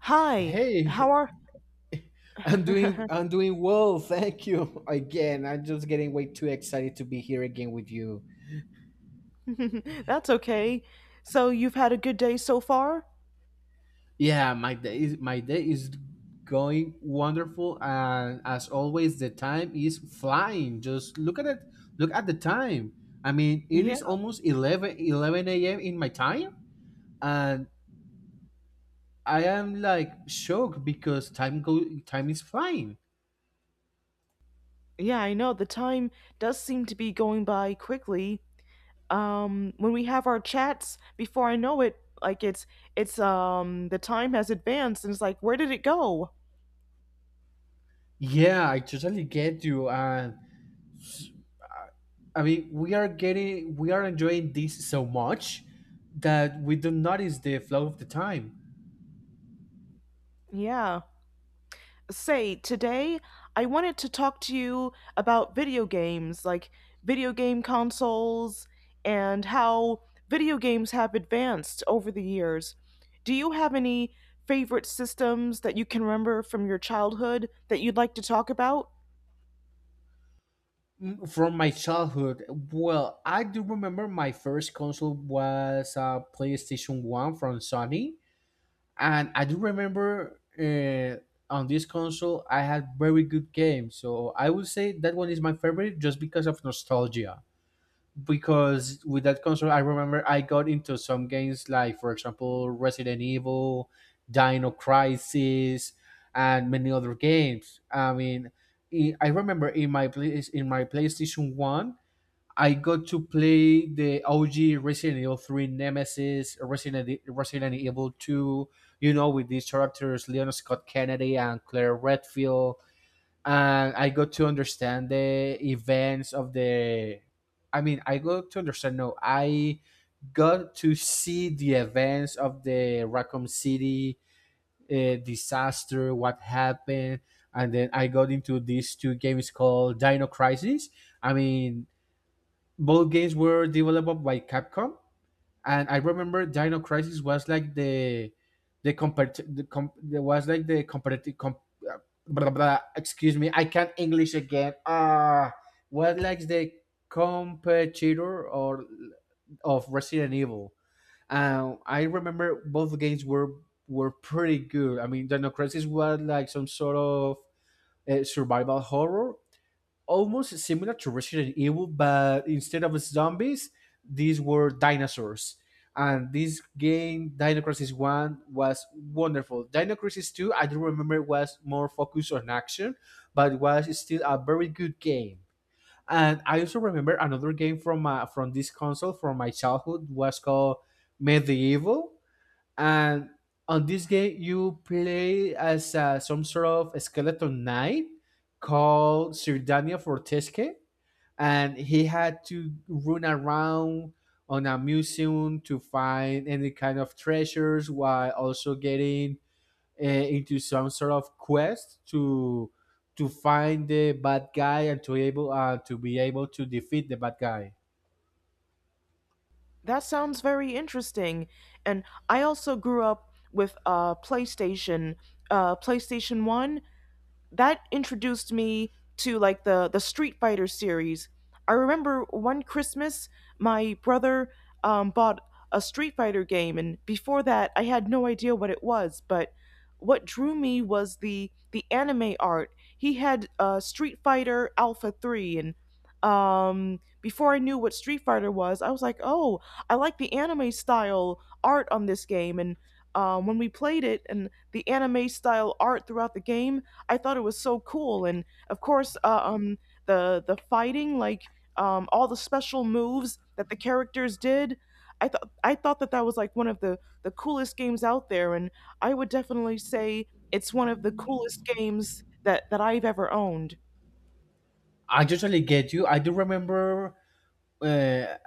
Hi, Hey, how are? I'm doing I'm doing well, thank you. Again, I'm just getting way too excited to be here again with you. That's okay. So you've had a good day so far? Yeah, my day is going wonderful, and as always the time is flying. Just look at it. Look at the time. I mean, it Yeah, is almost eleven a.m. in my time, and I am like shocked because time is flying. yeah, I know. The time does seem to be going by quickly. When we have our chats, before I know it, like it's the time has advanced and it's like, where did it go? Yeah, I totally get you. And I mean, we are enjoying this so much that we don't notice the flow of the time. Yeah. Say today I wanted to talk to you about video games, like video game consoles and how video games have advanced over the years. Do you have any favorite systems that you can remember from your childhood that you'd like to talk about? Mm, From my childhood, well, I do remember my first console was a PlayStation 1 from Sony. And I do remember on this console, I had very good games. So I would say that one is my favorite just because of nostalgia, because with that console, I remember I got into some games like, for example, Resident Evil, Dino Crisis, and many other games. I mean, I remember in my PlayStation One, I got to play the OG Resident Evil Three Nemesis, Resident Evil Two. You know, with these characters, Leon Scott Kennedy and Claire Redfield, and I got to understand the events of the. I mean, I got to understand. No, I got to see the events of the Raccoon City disaster, what happened, and then I got into these two games called Dino Crisis. I mean, both games were developed by Capcom, and I remember Dino Crisis was like the compar the com- the was like the comparative com- uh, blah, blah, blah, excuse me, I can't English again. Was like the competitor or of Resident Evil. Um I remember both games were pretty good. I mean, Dino Crisis was like some sort of survival horror, almost similar to Resident Evil, but instead of zombies, these were dinosaurs. And this game, Dino Crisis 1, was wonderful. Dino Crisis 2, I don't remember, was more focused on action, but it was still a very good game. And I also remember another game from from this console from my childhood was called Medieval, and on this game you play as some sort of skeleton knight called Sirdania Fortesque, and he had to run around on a museum to find any kind of treasures while also getting into some sort of quest to find the bad guy and to be able to defeat the bad guy. That sounds very interesting. And I also grew up with PlayStation, PlayStation 1, that introduced me to like the Street Fighter series. I remember one Christmas, my brother bought a Street Fighter game, and before that, I had no idea what it was. But what drew me was the anime art. He had Street Fighter Alpha Three, and before I knew what Street Fighter was, I was like, "Oh, I like the anime style art on this game." And when we played it, and the anime style art throughout the game, I thought it was so cool. And of course, the fighting, like all the special moves that the characters did, I thought that that was like one of the coolest games out there. And I would definitely say it's one of the coolest games that I've ever owned. I totally get you. I do remember uh,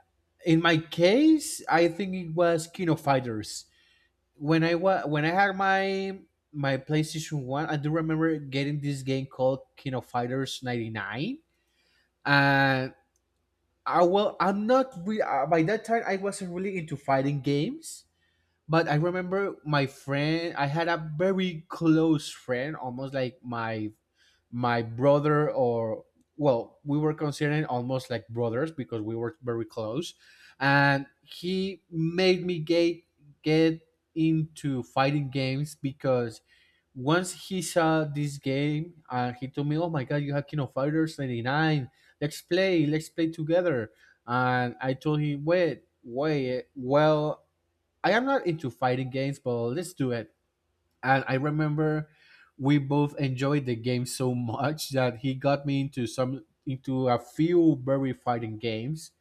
in my case, I think it was Kino Fighters. When I had my PlayStation One, I do remember getting this game called Kino Fighters '99, and I well, I'm not re- by that time I wasn't really into fighting games. But I remember my friend. I had a very close friend, almost like my brother, or well, we were considered almost like brothers because we were very close, and he made me get into fighting games because once he saw this game, and he told me, "Oh my god, you have King of Fighters 99, let's play together." And I told him, "Wait, well, I am not into fighting games, but let's do it." And I remember we both enjoyed the game so much that he got me into a few very fighting games.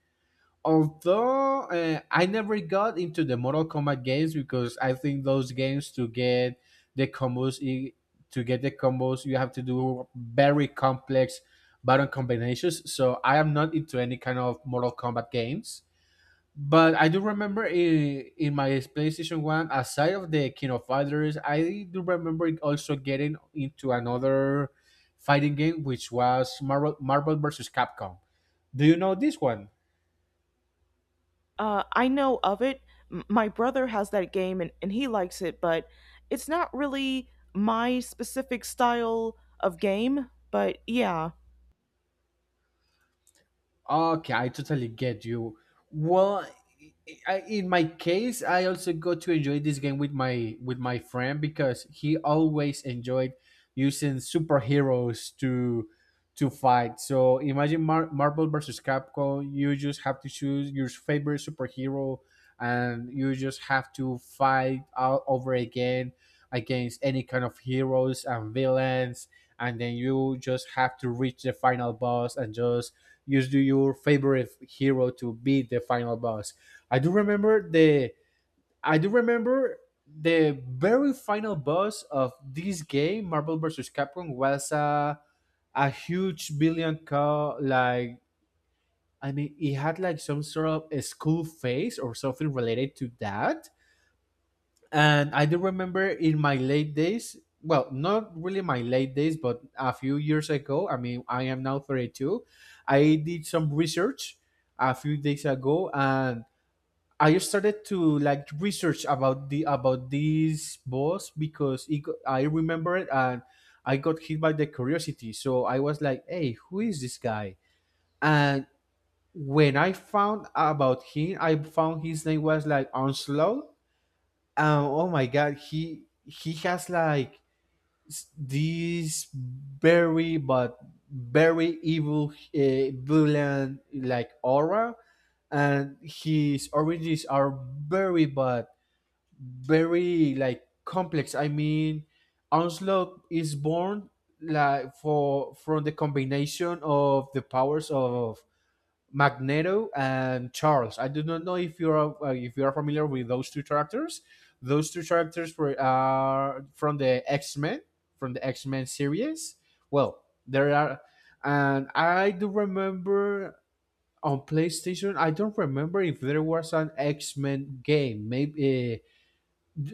Although I never got into the Mortal Kombat games, because I think those games, the combos i- to get the combos, you have to do very complex button combinations. So I am not into any kind of Mortal Kombat games. But I do remember in my PlayStation 1, aside of the King of Fighters, I do remember also getting into another fighting game, which was Marvel versus Capcom. Do you know this one? I know of it. My brother has that game and he likes it, but it's not really my specific style of game. But yeah, Okay, I totally get you. Well, in my case, I also got to enjoy this game with my friend, because he always enjoyed using superheroes to fight. So imagine Marvel versus Capcom. You just have to choose your favorite superhero, and you just have to fight all over again against any kind of heroes and villains. And then you just have to reach the final boss and just use do your favorite hero to beat the final boss. I do remember the I do remember the very final boss of this game, Marvel vs. Capcom, was a huge billion call, like, I mean, it had like some sort of a school face or something related to that. And I do remember in my late days, well, not really my late days, but a few years ago, I mean, I am now 32. I did some research a few days ago, and I started to like research about the about this boss because I remember it, and I got hit by the curiosity. So I was like, "Hey, who is this guy?" And when I found about him, I found his name was like Onslaught. Oh my god, he has like this very but very evil, villain like aura, and his origins are very but very like complex. I mean, Onslaught is born like for from the combination of the powers of Magneto and Charles. I do not know if you are familiar with those two characters. Those two characters were are from the X Men, from the X Men series. Well, there are, and I do remember on PlayStation, I don't remember if there was an X Men game. Maybe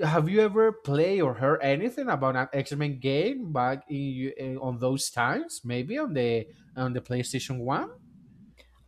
have you ever played or heard anything about an X Men game back in, on those times? Maybe on the PlayStation One.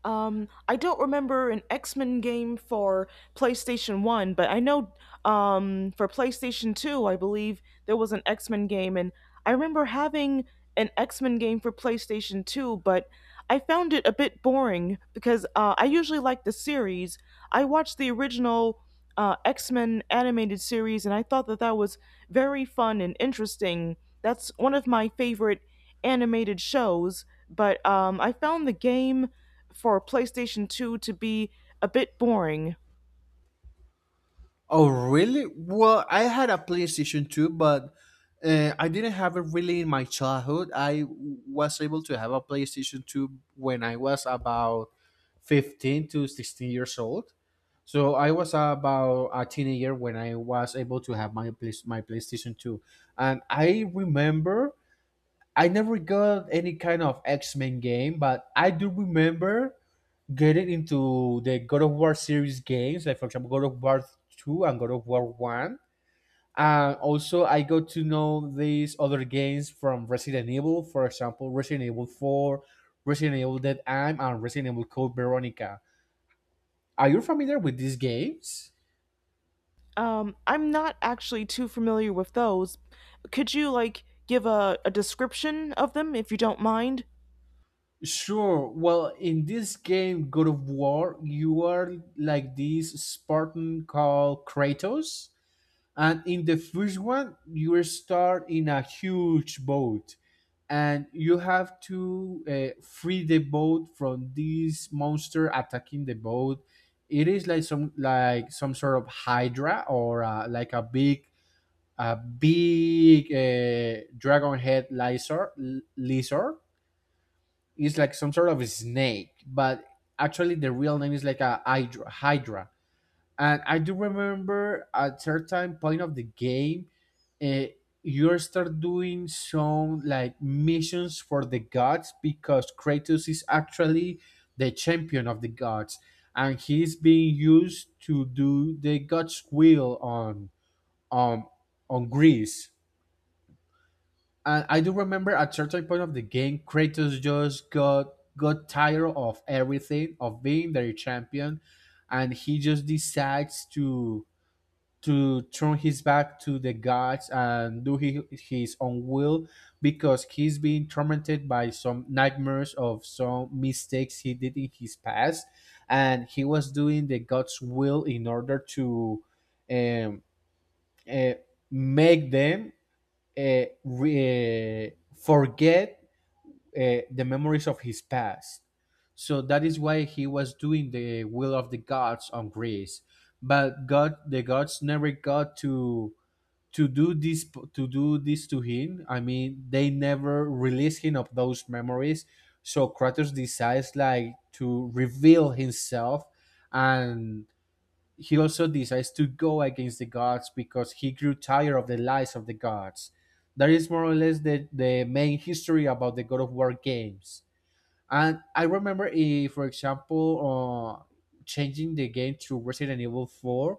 um, I don't remember an X Men game for PlayStation One, but I know, for PlayStation Two, I believe there was an X Men game, and I remember having an X Men game for PlayStation Two, but I found it a bit boring because I usually like the series. I watched the original X Men animated series, and I thought that that was very fun and interesting. That's one of my favorite animated shows, but I found the game for PlayStation 2 to be a bit boring. Oh, really? Well, I had a PlayStation 2, but I didn't have it really in my childhood. I was able to have a PlayStation 2 when I was about 15 to 16 years old. So I was about a teenager when I was able to have my PlayStation 2. And I remember I never got any kind of X-Men game, but I do remember getting into the God of War series games, like for example, God of War 2 and God of War 1. And also, I got to know these other games from Resident Evil, for example, Resident Evil 4, Resident Evil Dead Aim, and Resident Evil Code Veronica. Are you familiar with these games? I'm not actually too familiar with those. Could you, like, give a description of them if you don't mind? Sure. Well, in this game, God of War, you are like this Spartan called Kratos. And in the first one, you start in a huge boat, and you have to free the boat from this monster attacking the boat. It is like some sort of hydra, or like a big dragon head lizard. Lizard. It's like some sort of snake, but actually the real name is like a hydra. Hydra. And I do remember at certain point of the game, uh, you start doing some like missions for the gods, because Kratos is actually the champion of the gods, and he's being used to do the gods' will on on on Greece. And I do remember at certain point of the game, Kratos just got tired of everything, of being their champion, and he just decides to turn his back to the gods and do his own will, because he's being tormented by some nightmares of some mistakes he did in his past, and he was doing the god's will in order to um, uh, make them uh, re- uh, forget the memories of his past. So that is why he was doing the will of the gods on Greece, but god the gods never got to to do this to do this to him. I mean, they never release him of those memories, so Kratos decides like to reveal himself, and he also decides to go against the gods because he grew tired of the lies of the gods. That is more or less the main history about the God of War games. And I remember if for example, uh, changing the game to Resident Evil 4,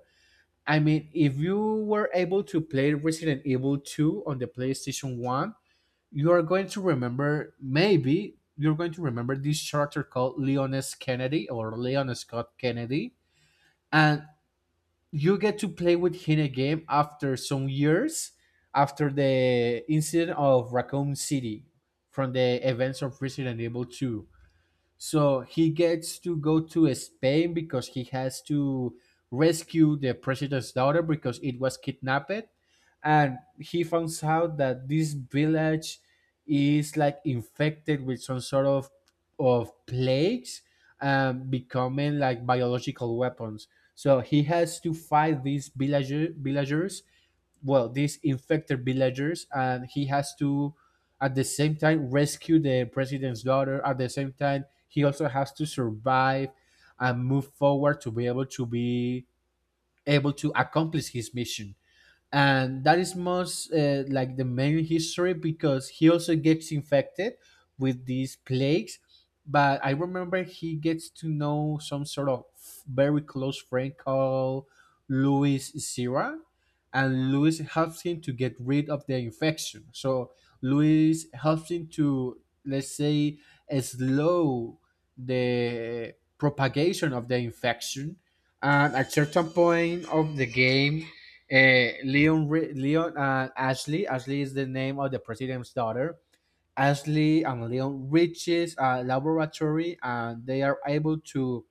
I mean, if you were able to play Resident Evil 2 on the PlayStation 1, you are going to remember, maybe you're going to remember this character called Leon S. Kennedy, or Leon Scott Kennedy. And you get to play with him again after some years, after the incident of Raccoon City, from the events of Resident Evil 2. So he gets to go to Spain because he has to rescue the president's daughter, because it was kidnapped. And he finds out that this village is like infected with some sort of plagues and becoming like biological weapons. So he has to fight these infected villagers, and he has to at the same time rescue the president's daughter. At the same time, he also has to survive and move forward to be able to be able to accomplish his mission. And that is most like the main history, because he also gets infected with these plagues. But I remember he gets to know some sort of very close friend called Louis Sierra, and Louis helps him to get rid of the infection. So Louis helps him to, let's say, slow the propagation of the infection. And at certain point of the game, Leon and Ashley. Ashley is the name of the president's daughter. Ashley and Leon reaches a laboratory, and they are able to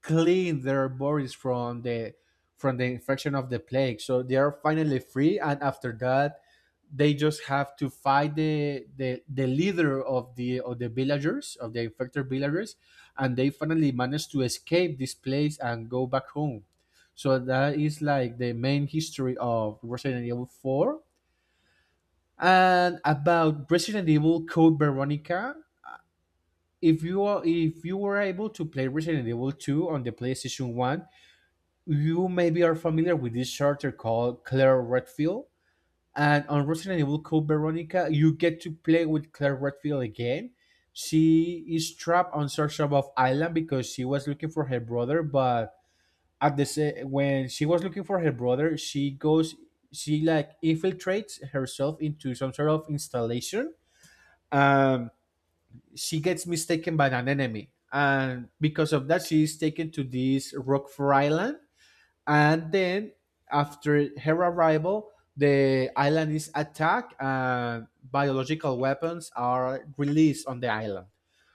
clean their bodies from the infection of the plague. So they are finally free, and after that, they just have to fight the leader of the villagers, of the infected villagers, and they finally manage to escape this place and go back home. So that is like the main history of Resident Evil Four. And about Resident Evil Code Veronica, if you were able to play Resident Evil 2 on the PlayStation 1, you maybe are familiar with this character called Claire Redfield. And on Resident Evil Code Veronica, you get to play with Claire Redfield again. She is trapped on Sarshov Island because she was looking for her brother, but when she was looking for her brother, she like infiltrates herself into some sort of installation. Um, she gets mistaken by an enemy, and because of that, she is taken to this Rockford Island. And then, after her arrival, the island is attacked and biological weapons are released on the island,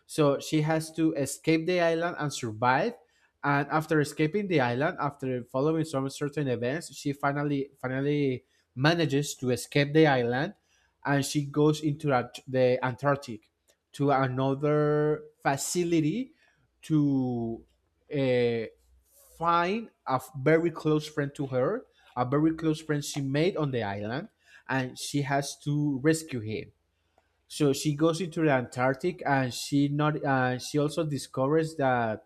so she has to escape the island and survive. And after escaping the island, after following some certain events, she finally manages to escape the island, and she goes into the Antarctic, to another facility, to uh, find a very close friend to her, a very close friend she made on the island, and she has to rescue him. So she goes into the Antarctic, and she not she also discovers that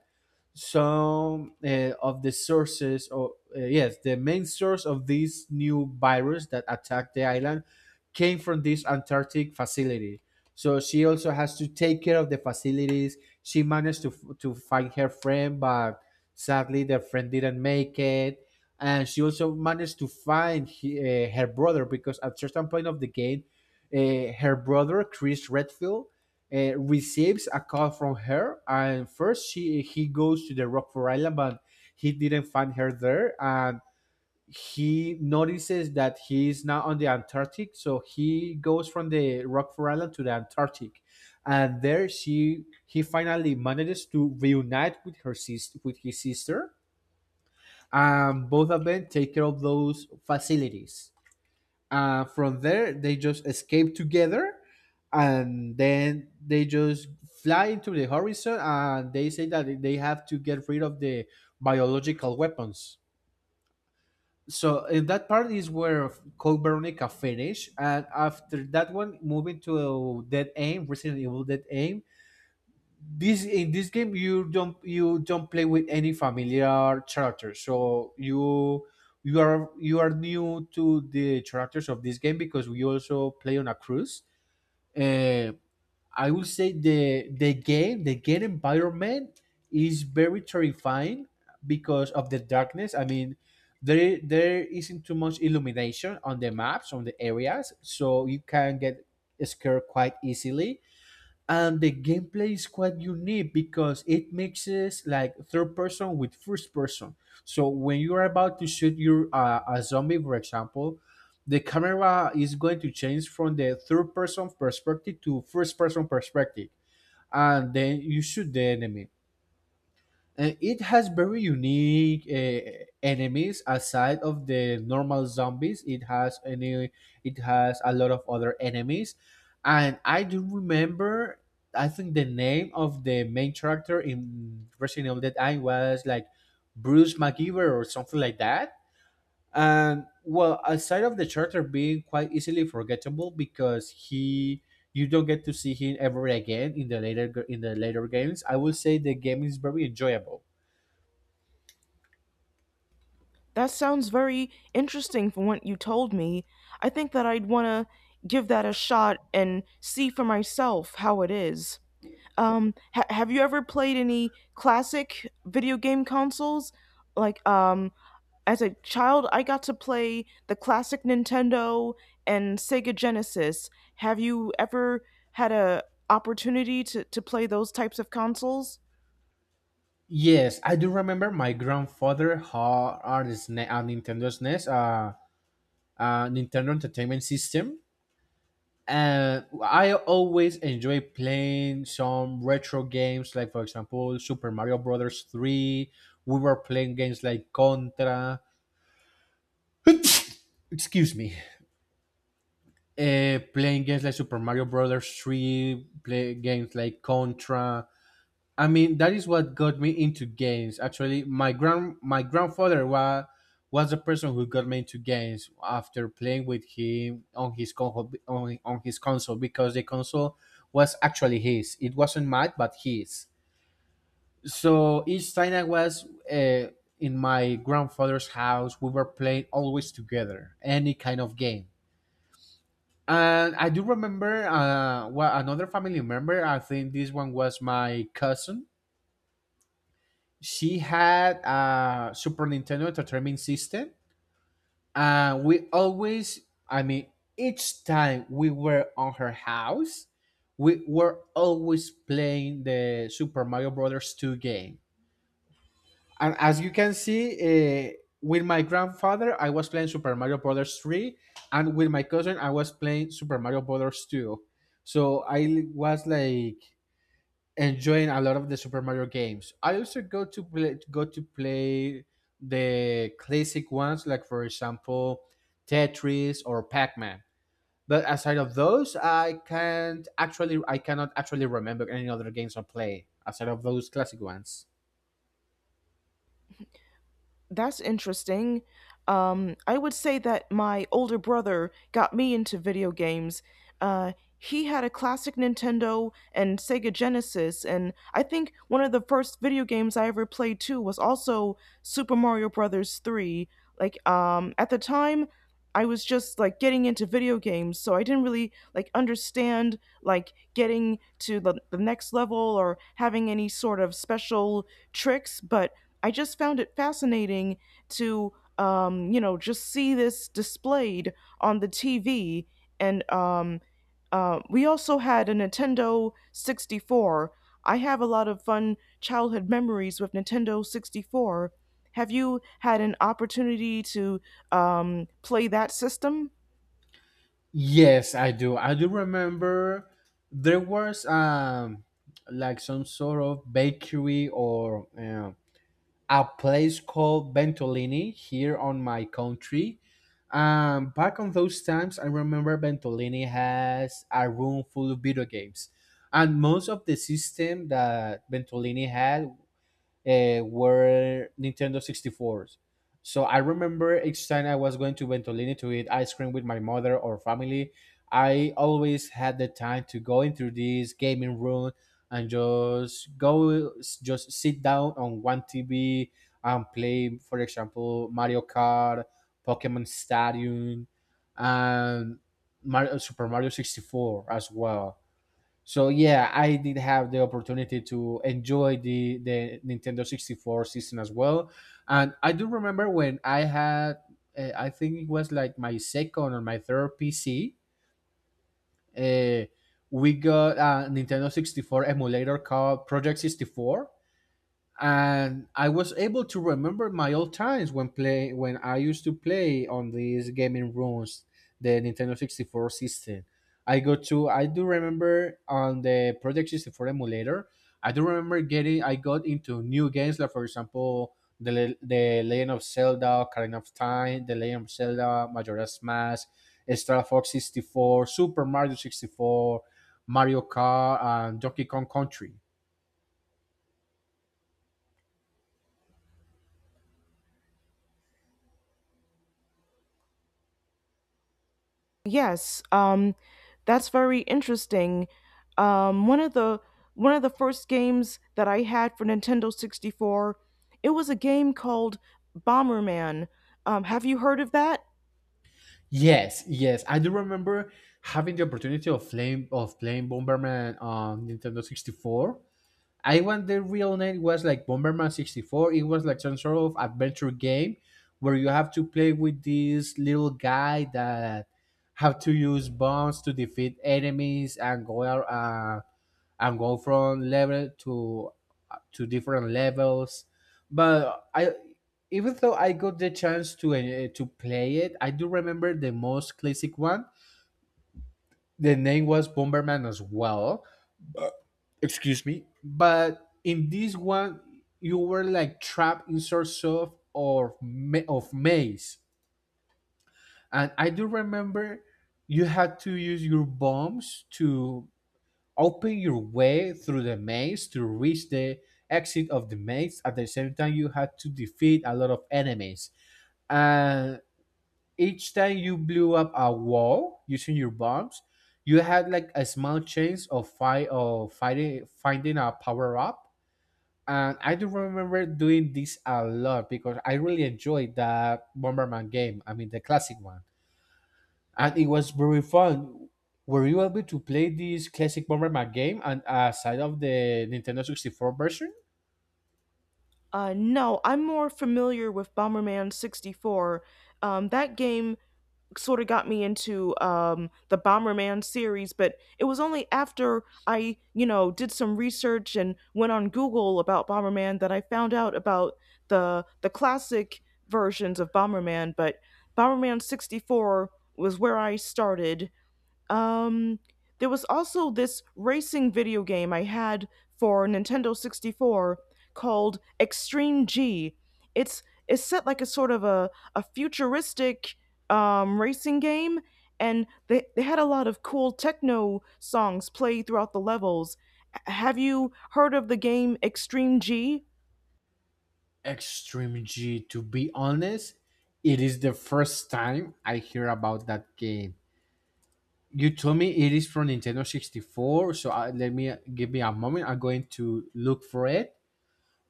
some of the sources or yes the main source of this new virus that attacked the island came from this Antarctic facility. So she also has to take care of the facilities. She managed to find her friend, but sadly their friend didn't make it. And she also managed to find her brother, because at certain point of the game, her brother Chris Redfield receives a call from her. And first she he goes to the Rockford Island, but he didn't find her there. And he notices that he is now on the Antarctic, so he goes from the Rockford Island to the Antarctic. And there she he finally manages to reunite with her sis with his sister, and both of them take care of those facilities. From there, they just escape together, and then they just fly into the horizon. And they say that they have to get rid of the biological weapons. So in that part is where Code Veronica finish. And after that one, moving to Dead Aim, Resident Evil Dead Aim, this in this game, you don't play with any familiar characters, so you are new to the characters of this game, because we also play on a cruise. Uh, i would say the game environment is very terrifying because of the darkness. I mean, there isn't too much illumination on the maps, on the areas, so you can get scared quite easily. And the gameplay is quite unique because it mixes like third person with first person. So when you are about to shoot your a zombie, for example, the camera is going to change from the third person perspective to first person perspective, and then you shoot the enemy. It has very unique enemies aside of the normal zombies. It has a lot of other enemies. And I do remember, I think the name of the main character in Resident Evil Dead Eye was like Bruce McGeever or something like that. And well, aside of the character being quite easily forgettable, because he you don't get to see him ever again in the later games, I will say the game is very enjoyable. That sounds very interesting from what you told me. I think that I'd want to give that a shot and see for myself how it is. Have you ever played any classic video game consoles? Like, as a child, I got to play the classic Nintendo and Sega Genesis. Have you ever had a opportunity to play those types of consoles? Yes, I do remember my grandfather had a SNES, a Nintendo Entertainment System, and I always enjoy playing some retro games, like for example Super Mario Brothers Three. We were playing games like Contra. Excuse me. Playing games like Super Mario Brothers Three, play games like Contra. I mean, that is what got me into games. Actually, my grandfather was the person who got me into games after playing with him on his console, on his console, because the console was actually his. It wasn't mine, but his. So each time I was in my grandfather's house, we were playing always together any kind of game. And I do remember, well, another family member. I think this one was my cousin. She had a Super Nintendo Entertainment System, and we always, I mean, each time we were on her house, we were always playing the Super Mario Brothers 2 game. And as you can see, uh, with my grandfather, I was playing Super Mario Brothers 3, and with my cousin, I was playing Super Mario Brothers 2. So I was like enjoying a lot of the Super Mario games. I also go to play the classic ones, like for example Tetris or Pac Man. But aside of those, I cannot actually remember any other games I play aside of those classic ones. That's interesting. I would say that my older brother got me into video games. Uh, he had a classic Nintendo and Sega Genesis, and I think one of the first video games I ever played too was also Super Mario Brothers 3. Like, at the time, I was just like getting into video games, so I didn't really like understand like getting to the next level or having any sort of special tricks, but I just found it fascinating to, you know, just see this displayed on the TV. And we also had a Nintendo 64. I have a lot of fun childhood memories with Nintendo 64. Have you had an opportunity to, play that system? Yes, I do. I do remember there was like some sort of bakery or a place called Ventolini here on my country. Back on those times, I remember Ventolini has a room full of video games, and most of the system that Ventolini had were Nintendo 64s. So I remember each time I was going to Ventolini to eat ice cream with my mother or family, I always had the time to go into this gaming room and just sit down on one TV and play, for example, Mario Kart, Pokemon Stadium, and Super Mario 64 as well. So yeah, I did have the opportunity to enjoy the Nintendo 64 season as well. And I do remember when I had, I think it was like my second or my third PC, uh, we got a Nintendo 64 emulator called Project 64, and I was able to remember my old times when play when I used to play on these gaming rooms, the Nintendo 64 system. I go to I do remember on the Project 64 emulator, I do remember getting I got into new games, like for example the Legend of Zelda, Ocarina of Time, the Legend of Zelda, Majora's Mask, Star Fox 64, Super Mario 64, Mario Kart, and Donkey Kong Country. Yes, that's very interesting. Um, one of the one of the first games that I had for Nintendo 64, it was a game called Bomberman. Have you heard of that? Yes, yes, I do remember having the opportunity of playing Bomberman on Nintendo 64. I want the real name was like Bomberman 64. It was like some sort of adventure game where you have to play with this little guy that have to use bombs to defeat enemies and go out and go from level to different levels. But I, even though I got the chance to play it, I do remember the most classic one. The name was Bomberman as well. Excuse me, but in this one, you were like trapped in sorts of maze, and I do remember you had to use your bombs to open your way through the maze to reach the exit of the maze. At the same time, you had to defeat a lot of enemies, and each time you blew up a wall using your bombs, you had like a small chance of fight of fighting finding a power up. And I do remember doing this a lot because I really enjoyed that Bomberman game. I mean, the classic one. And it was very fun. Were you able to play this classic Bomberman game and aside of the Nintendo 64 version? No, I'm more familiar with Bomberman 64. That game sort of got me into, the Bomberman series, but it was only after I, you know, did some research and went on Google about Bomberman that I found out about the classic versions of Bomberman. But Bomberman 64 was where I started. um, there was also this racing video game I had for Nintendo 64 called Extreme G. It's it's set like a sort of a futuristic, racing game, and they had a lot of cool techno songs play throughout the levels. Have you heard of the game Extreme G? Extreme G, to be honest, it is the first time I hear about that game. You told me it is from Nintendo 64, so I, let me give me a moment. I'm going to look for it.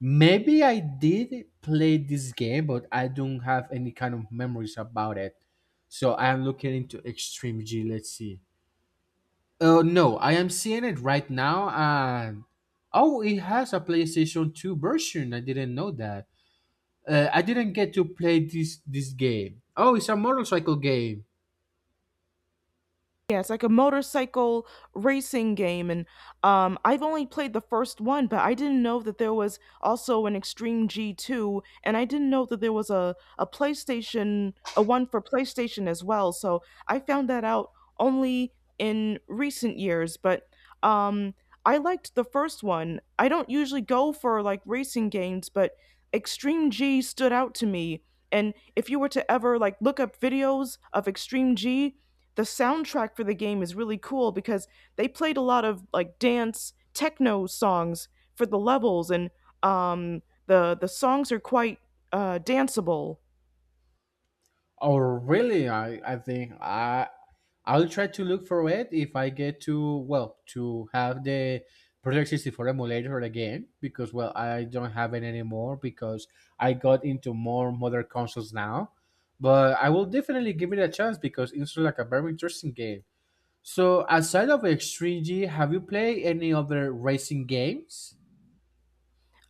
Maybe I did play this game, but I don't have any kind of memories about it. So I am looking into Extreme G. Let's see. Oh no, I am seeing it right now, and oh, it has a PlayStation Two version. I didn't know that. I didn't get to play this game. Oh, it's a motorcycle game. Yeah, it's like a motorcycle racing game, and I've only played the first one, but I didn't know that there was also an Extreme G2, and I didn't know that there was a PlayStation, a one for PlayStation as well. So I found that out only in recent years, but um, I liked the first one. I don't usually go for like racing games, but Extreme G stood out to me. And if you were to ever like look up videos of Extreme G, the soundtrack for the game is really cool because they played a lot of like dance techno songs for the levels and um, the songs are quite danceable. Oh, really? I I'll try to look for it if I get to well to have the Project 64 emulator again because well I don't have it anymore because I got into more modern consoles now. But I will definitely give it a chance because it's like a very interesting game. So aside of X3G, have you played any other racing games?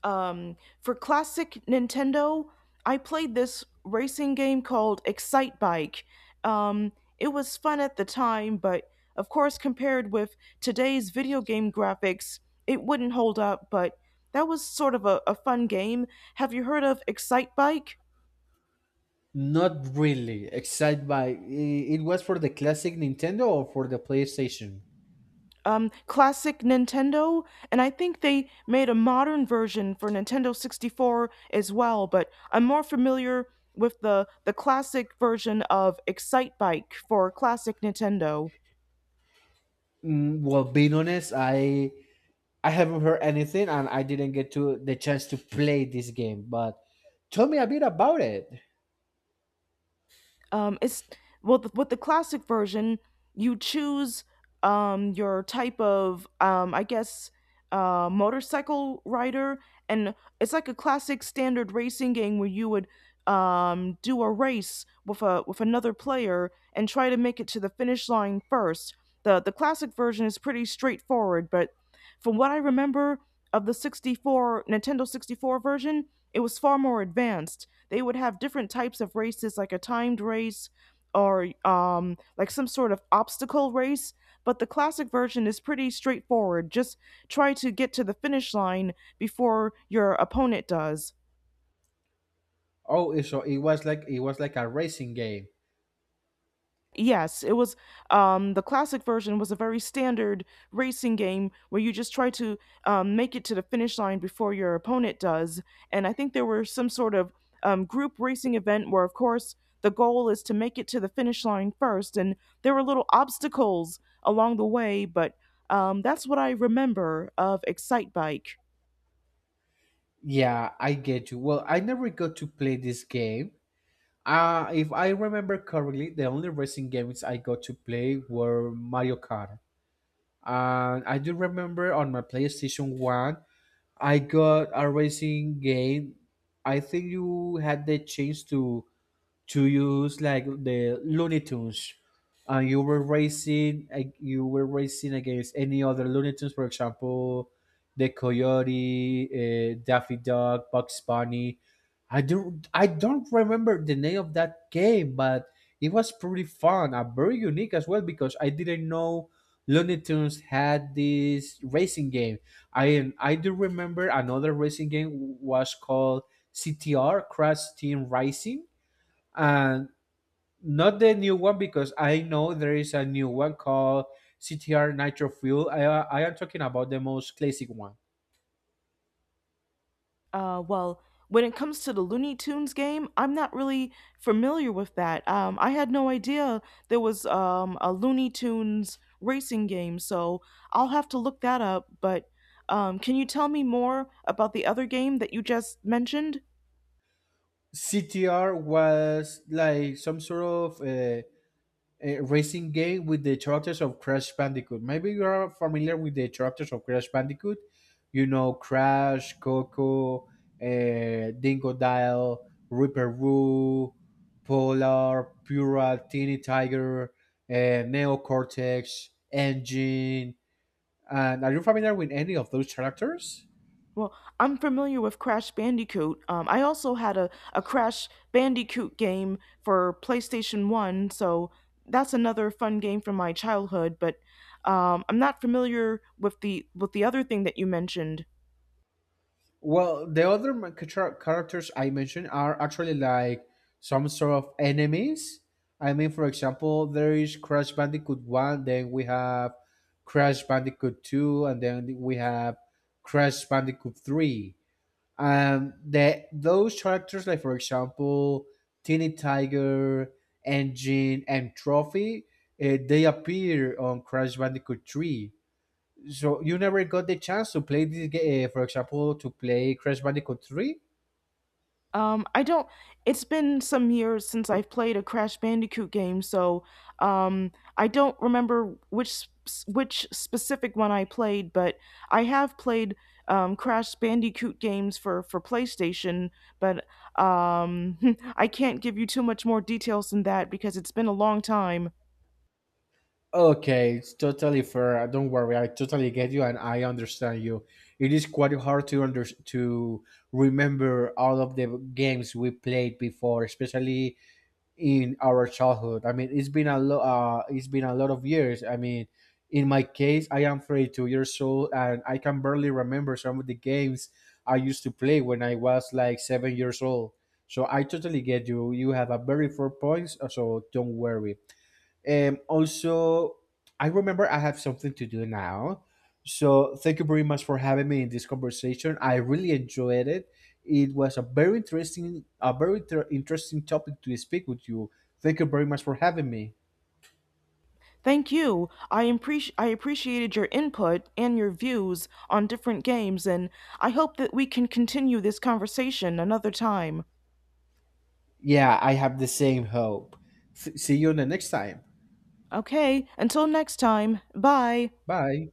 Um, for classic Nintendo, I played this racing game called Excite Bike. Um, it was fun at the time, but of course, compared with today's video game graphics, it wouldn't hold up. But that was sort of a fun game. Have you heard of Excite Bike? Not really, except by it was for the classic Nintendo or for the PlayStation. Um, classic Nintendo, and I think they made a modern version for Nintendo 64 as well. But I'm more familiar with the classic version of Excitebike for classic Nintendo. Mm, well, being honest, I haven't heard anything, and I didn't get to the chance to play this game. But tell me a bit about it. Um, it's well, with the classic version you choose, your type of, I guess, motorcycle rider, and it's like a classic standard racing game where you would, do a race with a with another player and try to make it to the finish line first. The classic version is pretty straightforward, but from what I remember of the 64 Nintendo 64 version, it was far more advanced. They would have different types of races, like a timed race or, like some sort of obstacle race. But the classic version is pretty straightforward. Just try to get to the finish line before your opponent does. Oh, so it was like a racing game. Yes, it was, the classic version was a very standard racing game where you just try to, make it to the finish line before your opponent does. And I think there were some sort of, group racing event where, of course, the goal is to make it to the finish line first. And there were little obstacles along the way, but that's what I remember of Excite Bike. Yeah, I get you. Well, I never got to play this game. If I remember correctly, the only racing games I got to play were Mario Kart. And I do remember on my PlayStation 1, I got a racing game. I think you had the chance to use like the Looney Tunes, and you were racing, like, you were racing against any other Looney Tunes, for example, the Coyote, Daffy Duck, Bugs Bunny. I don't remember the name of that game, but it was pretty fun and very unique as well because I didn't know Looney Tunes had this racing game. I do remember another racing game was called CTR, Crash Team Racing, and not the new one because I know there is a new one called CTR Nitro Fuel. I am talking about the most classic one. Well, when it comes to the Looney Tunes game, I'm not really familiar with that. I had no idea there was, a Looney Tunes racing game, so I'll have to look that up. But can you tell me more about the other game that you just mentioned? CTR was like some sort of racing game with the characters of Crash Bandicoot. Maybe you are familiar with the characters of Crash Bandicoot. You know Crash, Coco, Dingo Dial, Ripper Roo, Polar, Pura, Teeny Tiger, uh, Neocortex, Engine. And are you familiar with any of those characters? Well, I'm familiar with Crash Bandicoot. I also had a Crash Bandicoot game for PlayStation 1, so that's another fun game from my childhood, but I'm not familiar with the other thing that you mentioned. Well, the other characters I mentioned are actually like some sort of enemies. I mean, for example, there is Crash Bandicoot 1, then we have Crash Bandicoot 2, and then we have Crash Bandicoot 3. Those characters, like for example, Teeny Tiger, Engine, and Trophy, they appear on Crash Bandicoot 3. So you never got the chance to play this game, for example, to play Crash Bandicoot 3? I don't. It's been some years since I've played a Crash Bandicoot game, so um, I don't remember which which specific one I played. But I have played, Crash Bandicoot games for PlayStation, but um, I can't give you too much more details than that because it's been a long time. Okay, it's totally fair. Don't worry, I totally get you and I understand you. It is quite hard to remember all of the games we played before, especially in our childhood. I mean, it's been a lot. It's been a lot of years. I mean, in my case, I am 32 years old, and I can barely remember some of the games I used to play when I was like 7 years old. So I totally get you. You have a very four points, so don't worry. Also, I remember I have something to do now. So thank you very much for having me in this conversation. I really enjoyed it. It was a very interesting, a very interesting topic to speak with you. Thank you very much for having me. Thank you. I appreciated your input and your views on different games, and I hope that we can continue this conversation another time. Yeah, I have the same hope. See you on the next time. Okay, until next time, bye. Bye.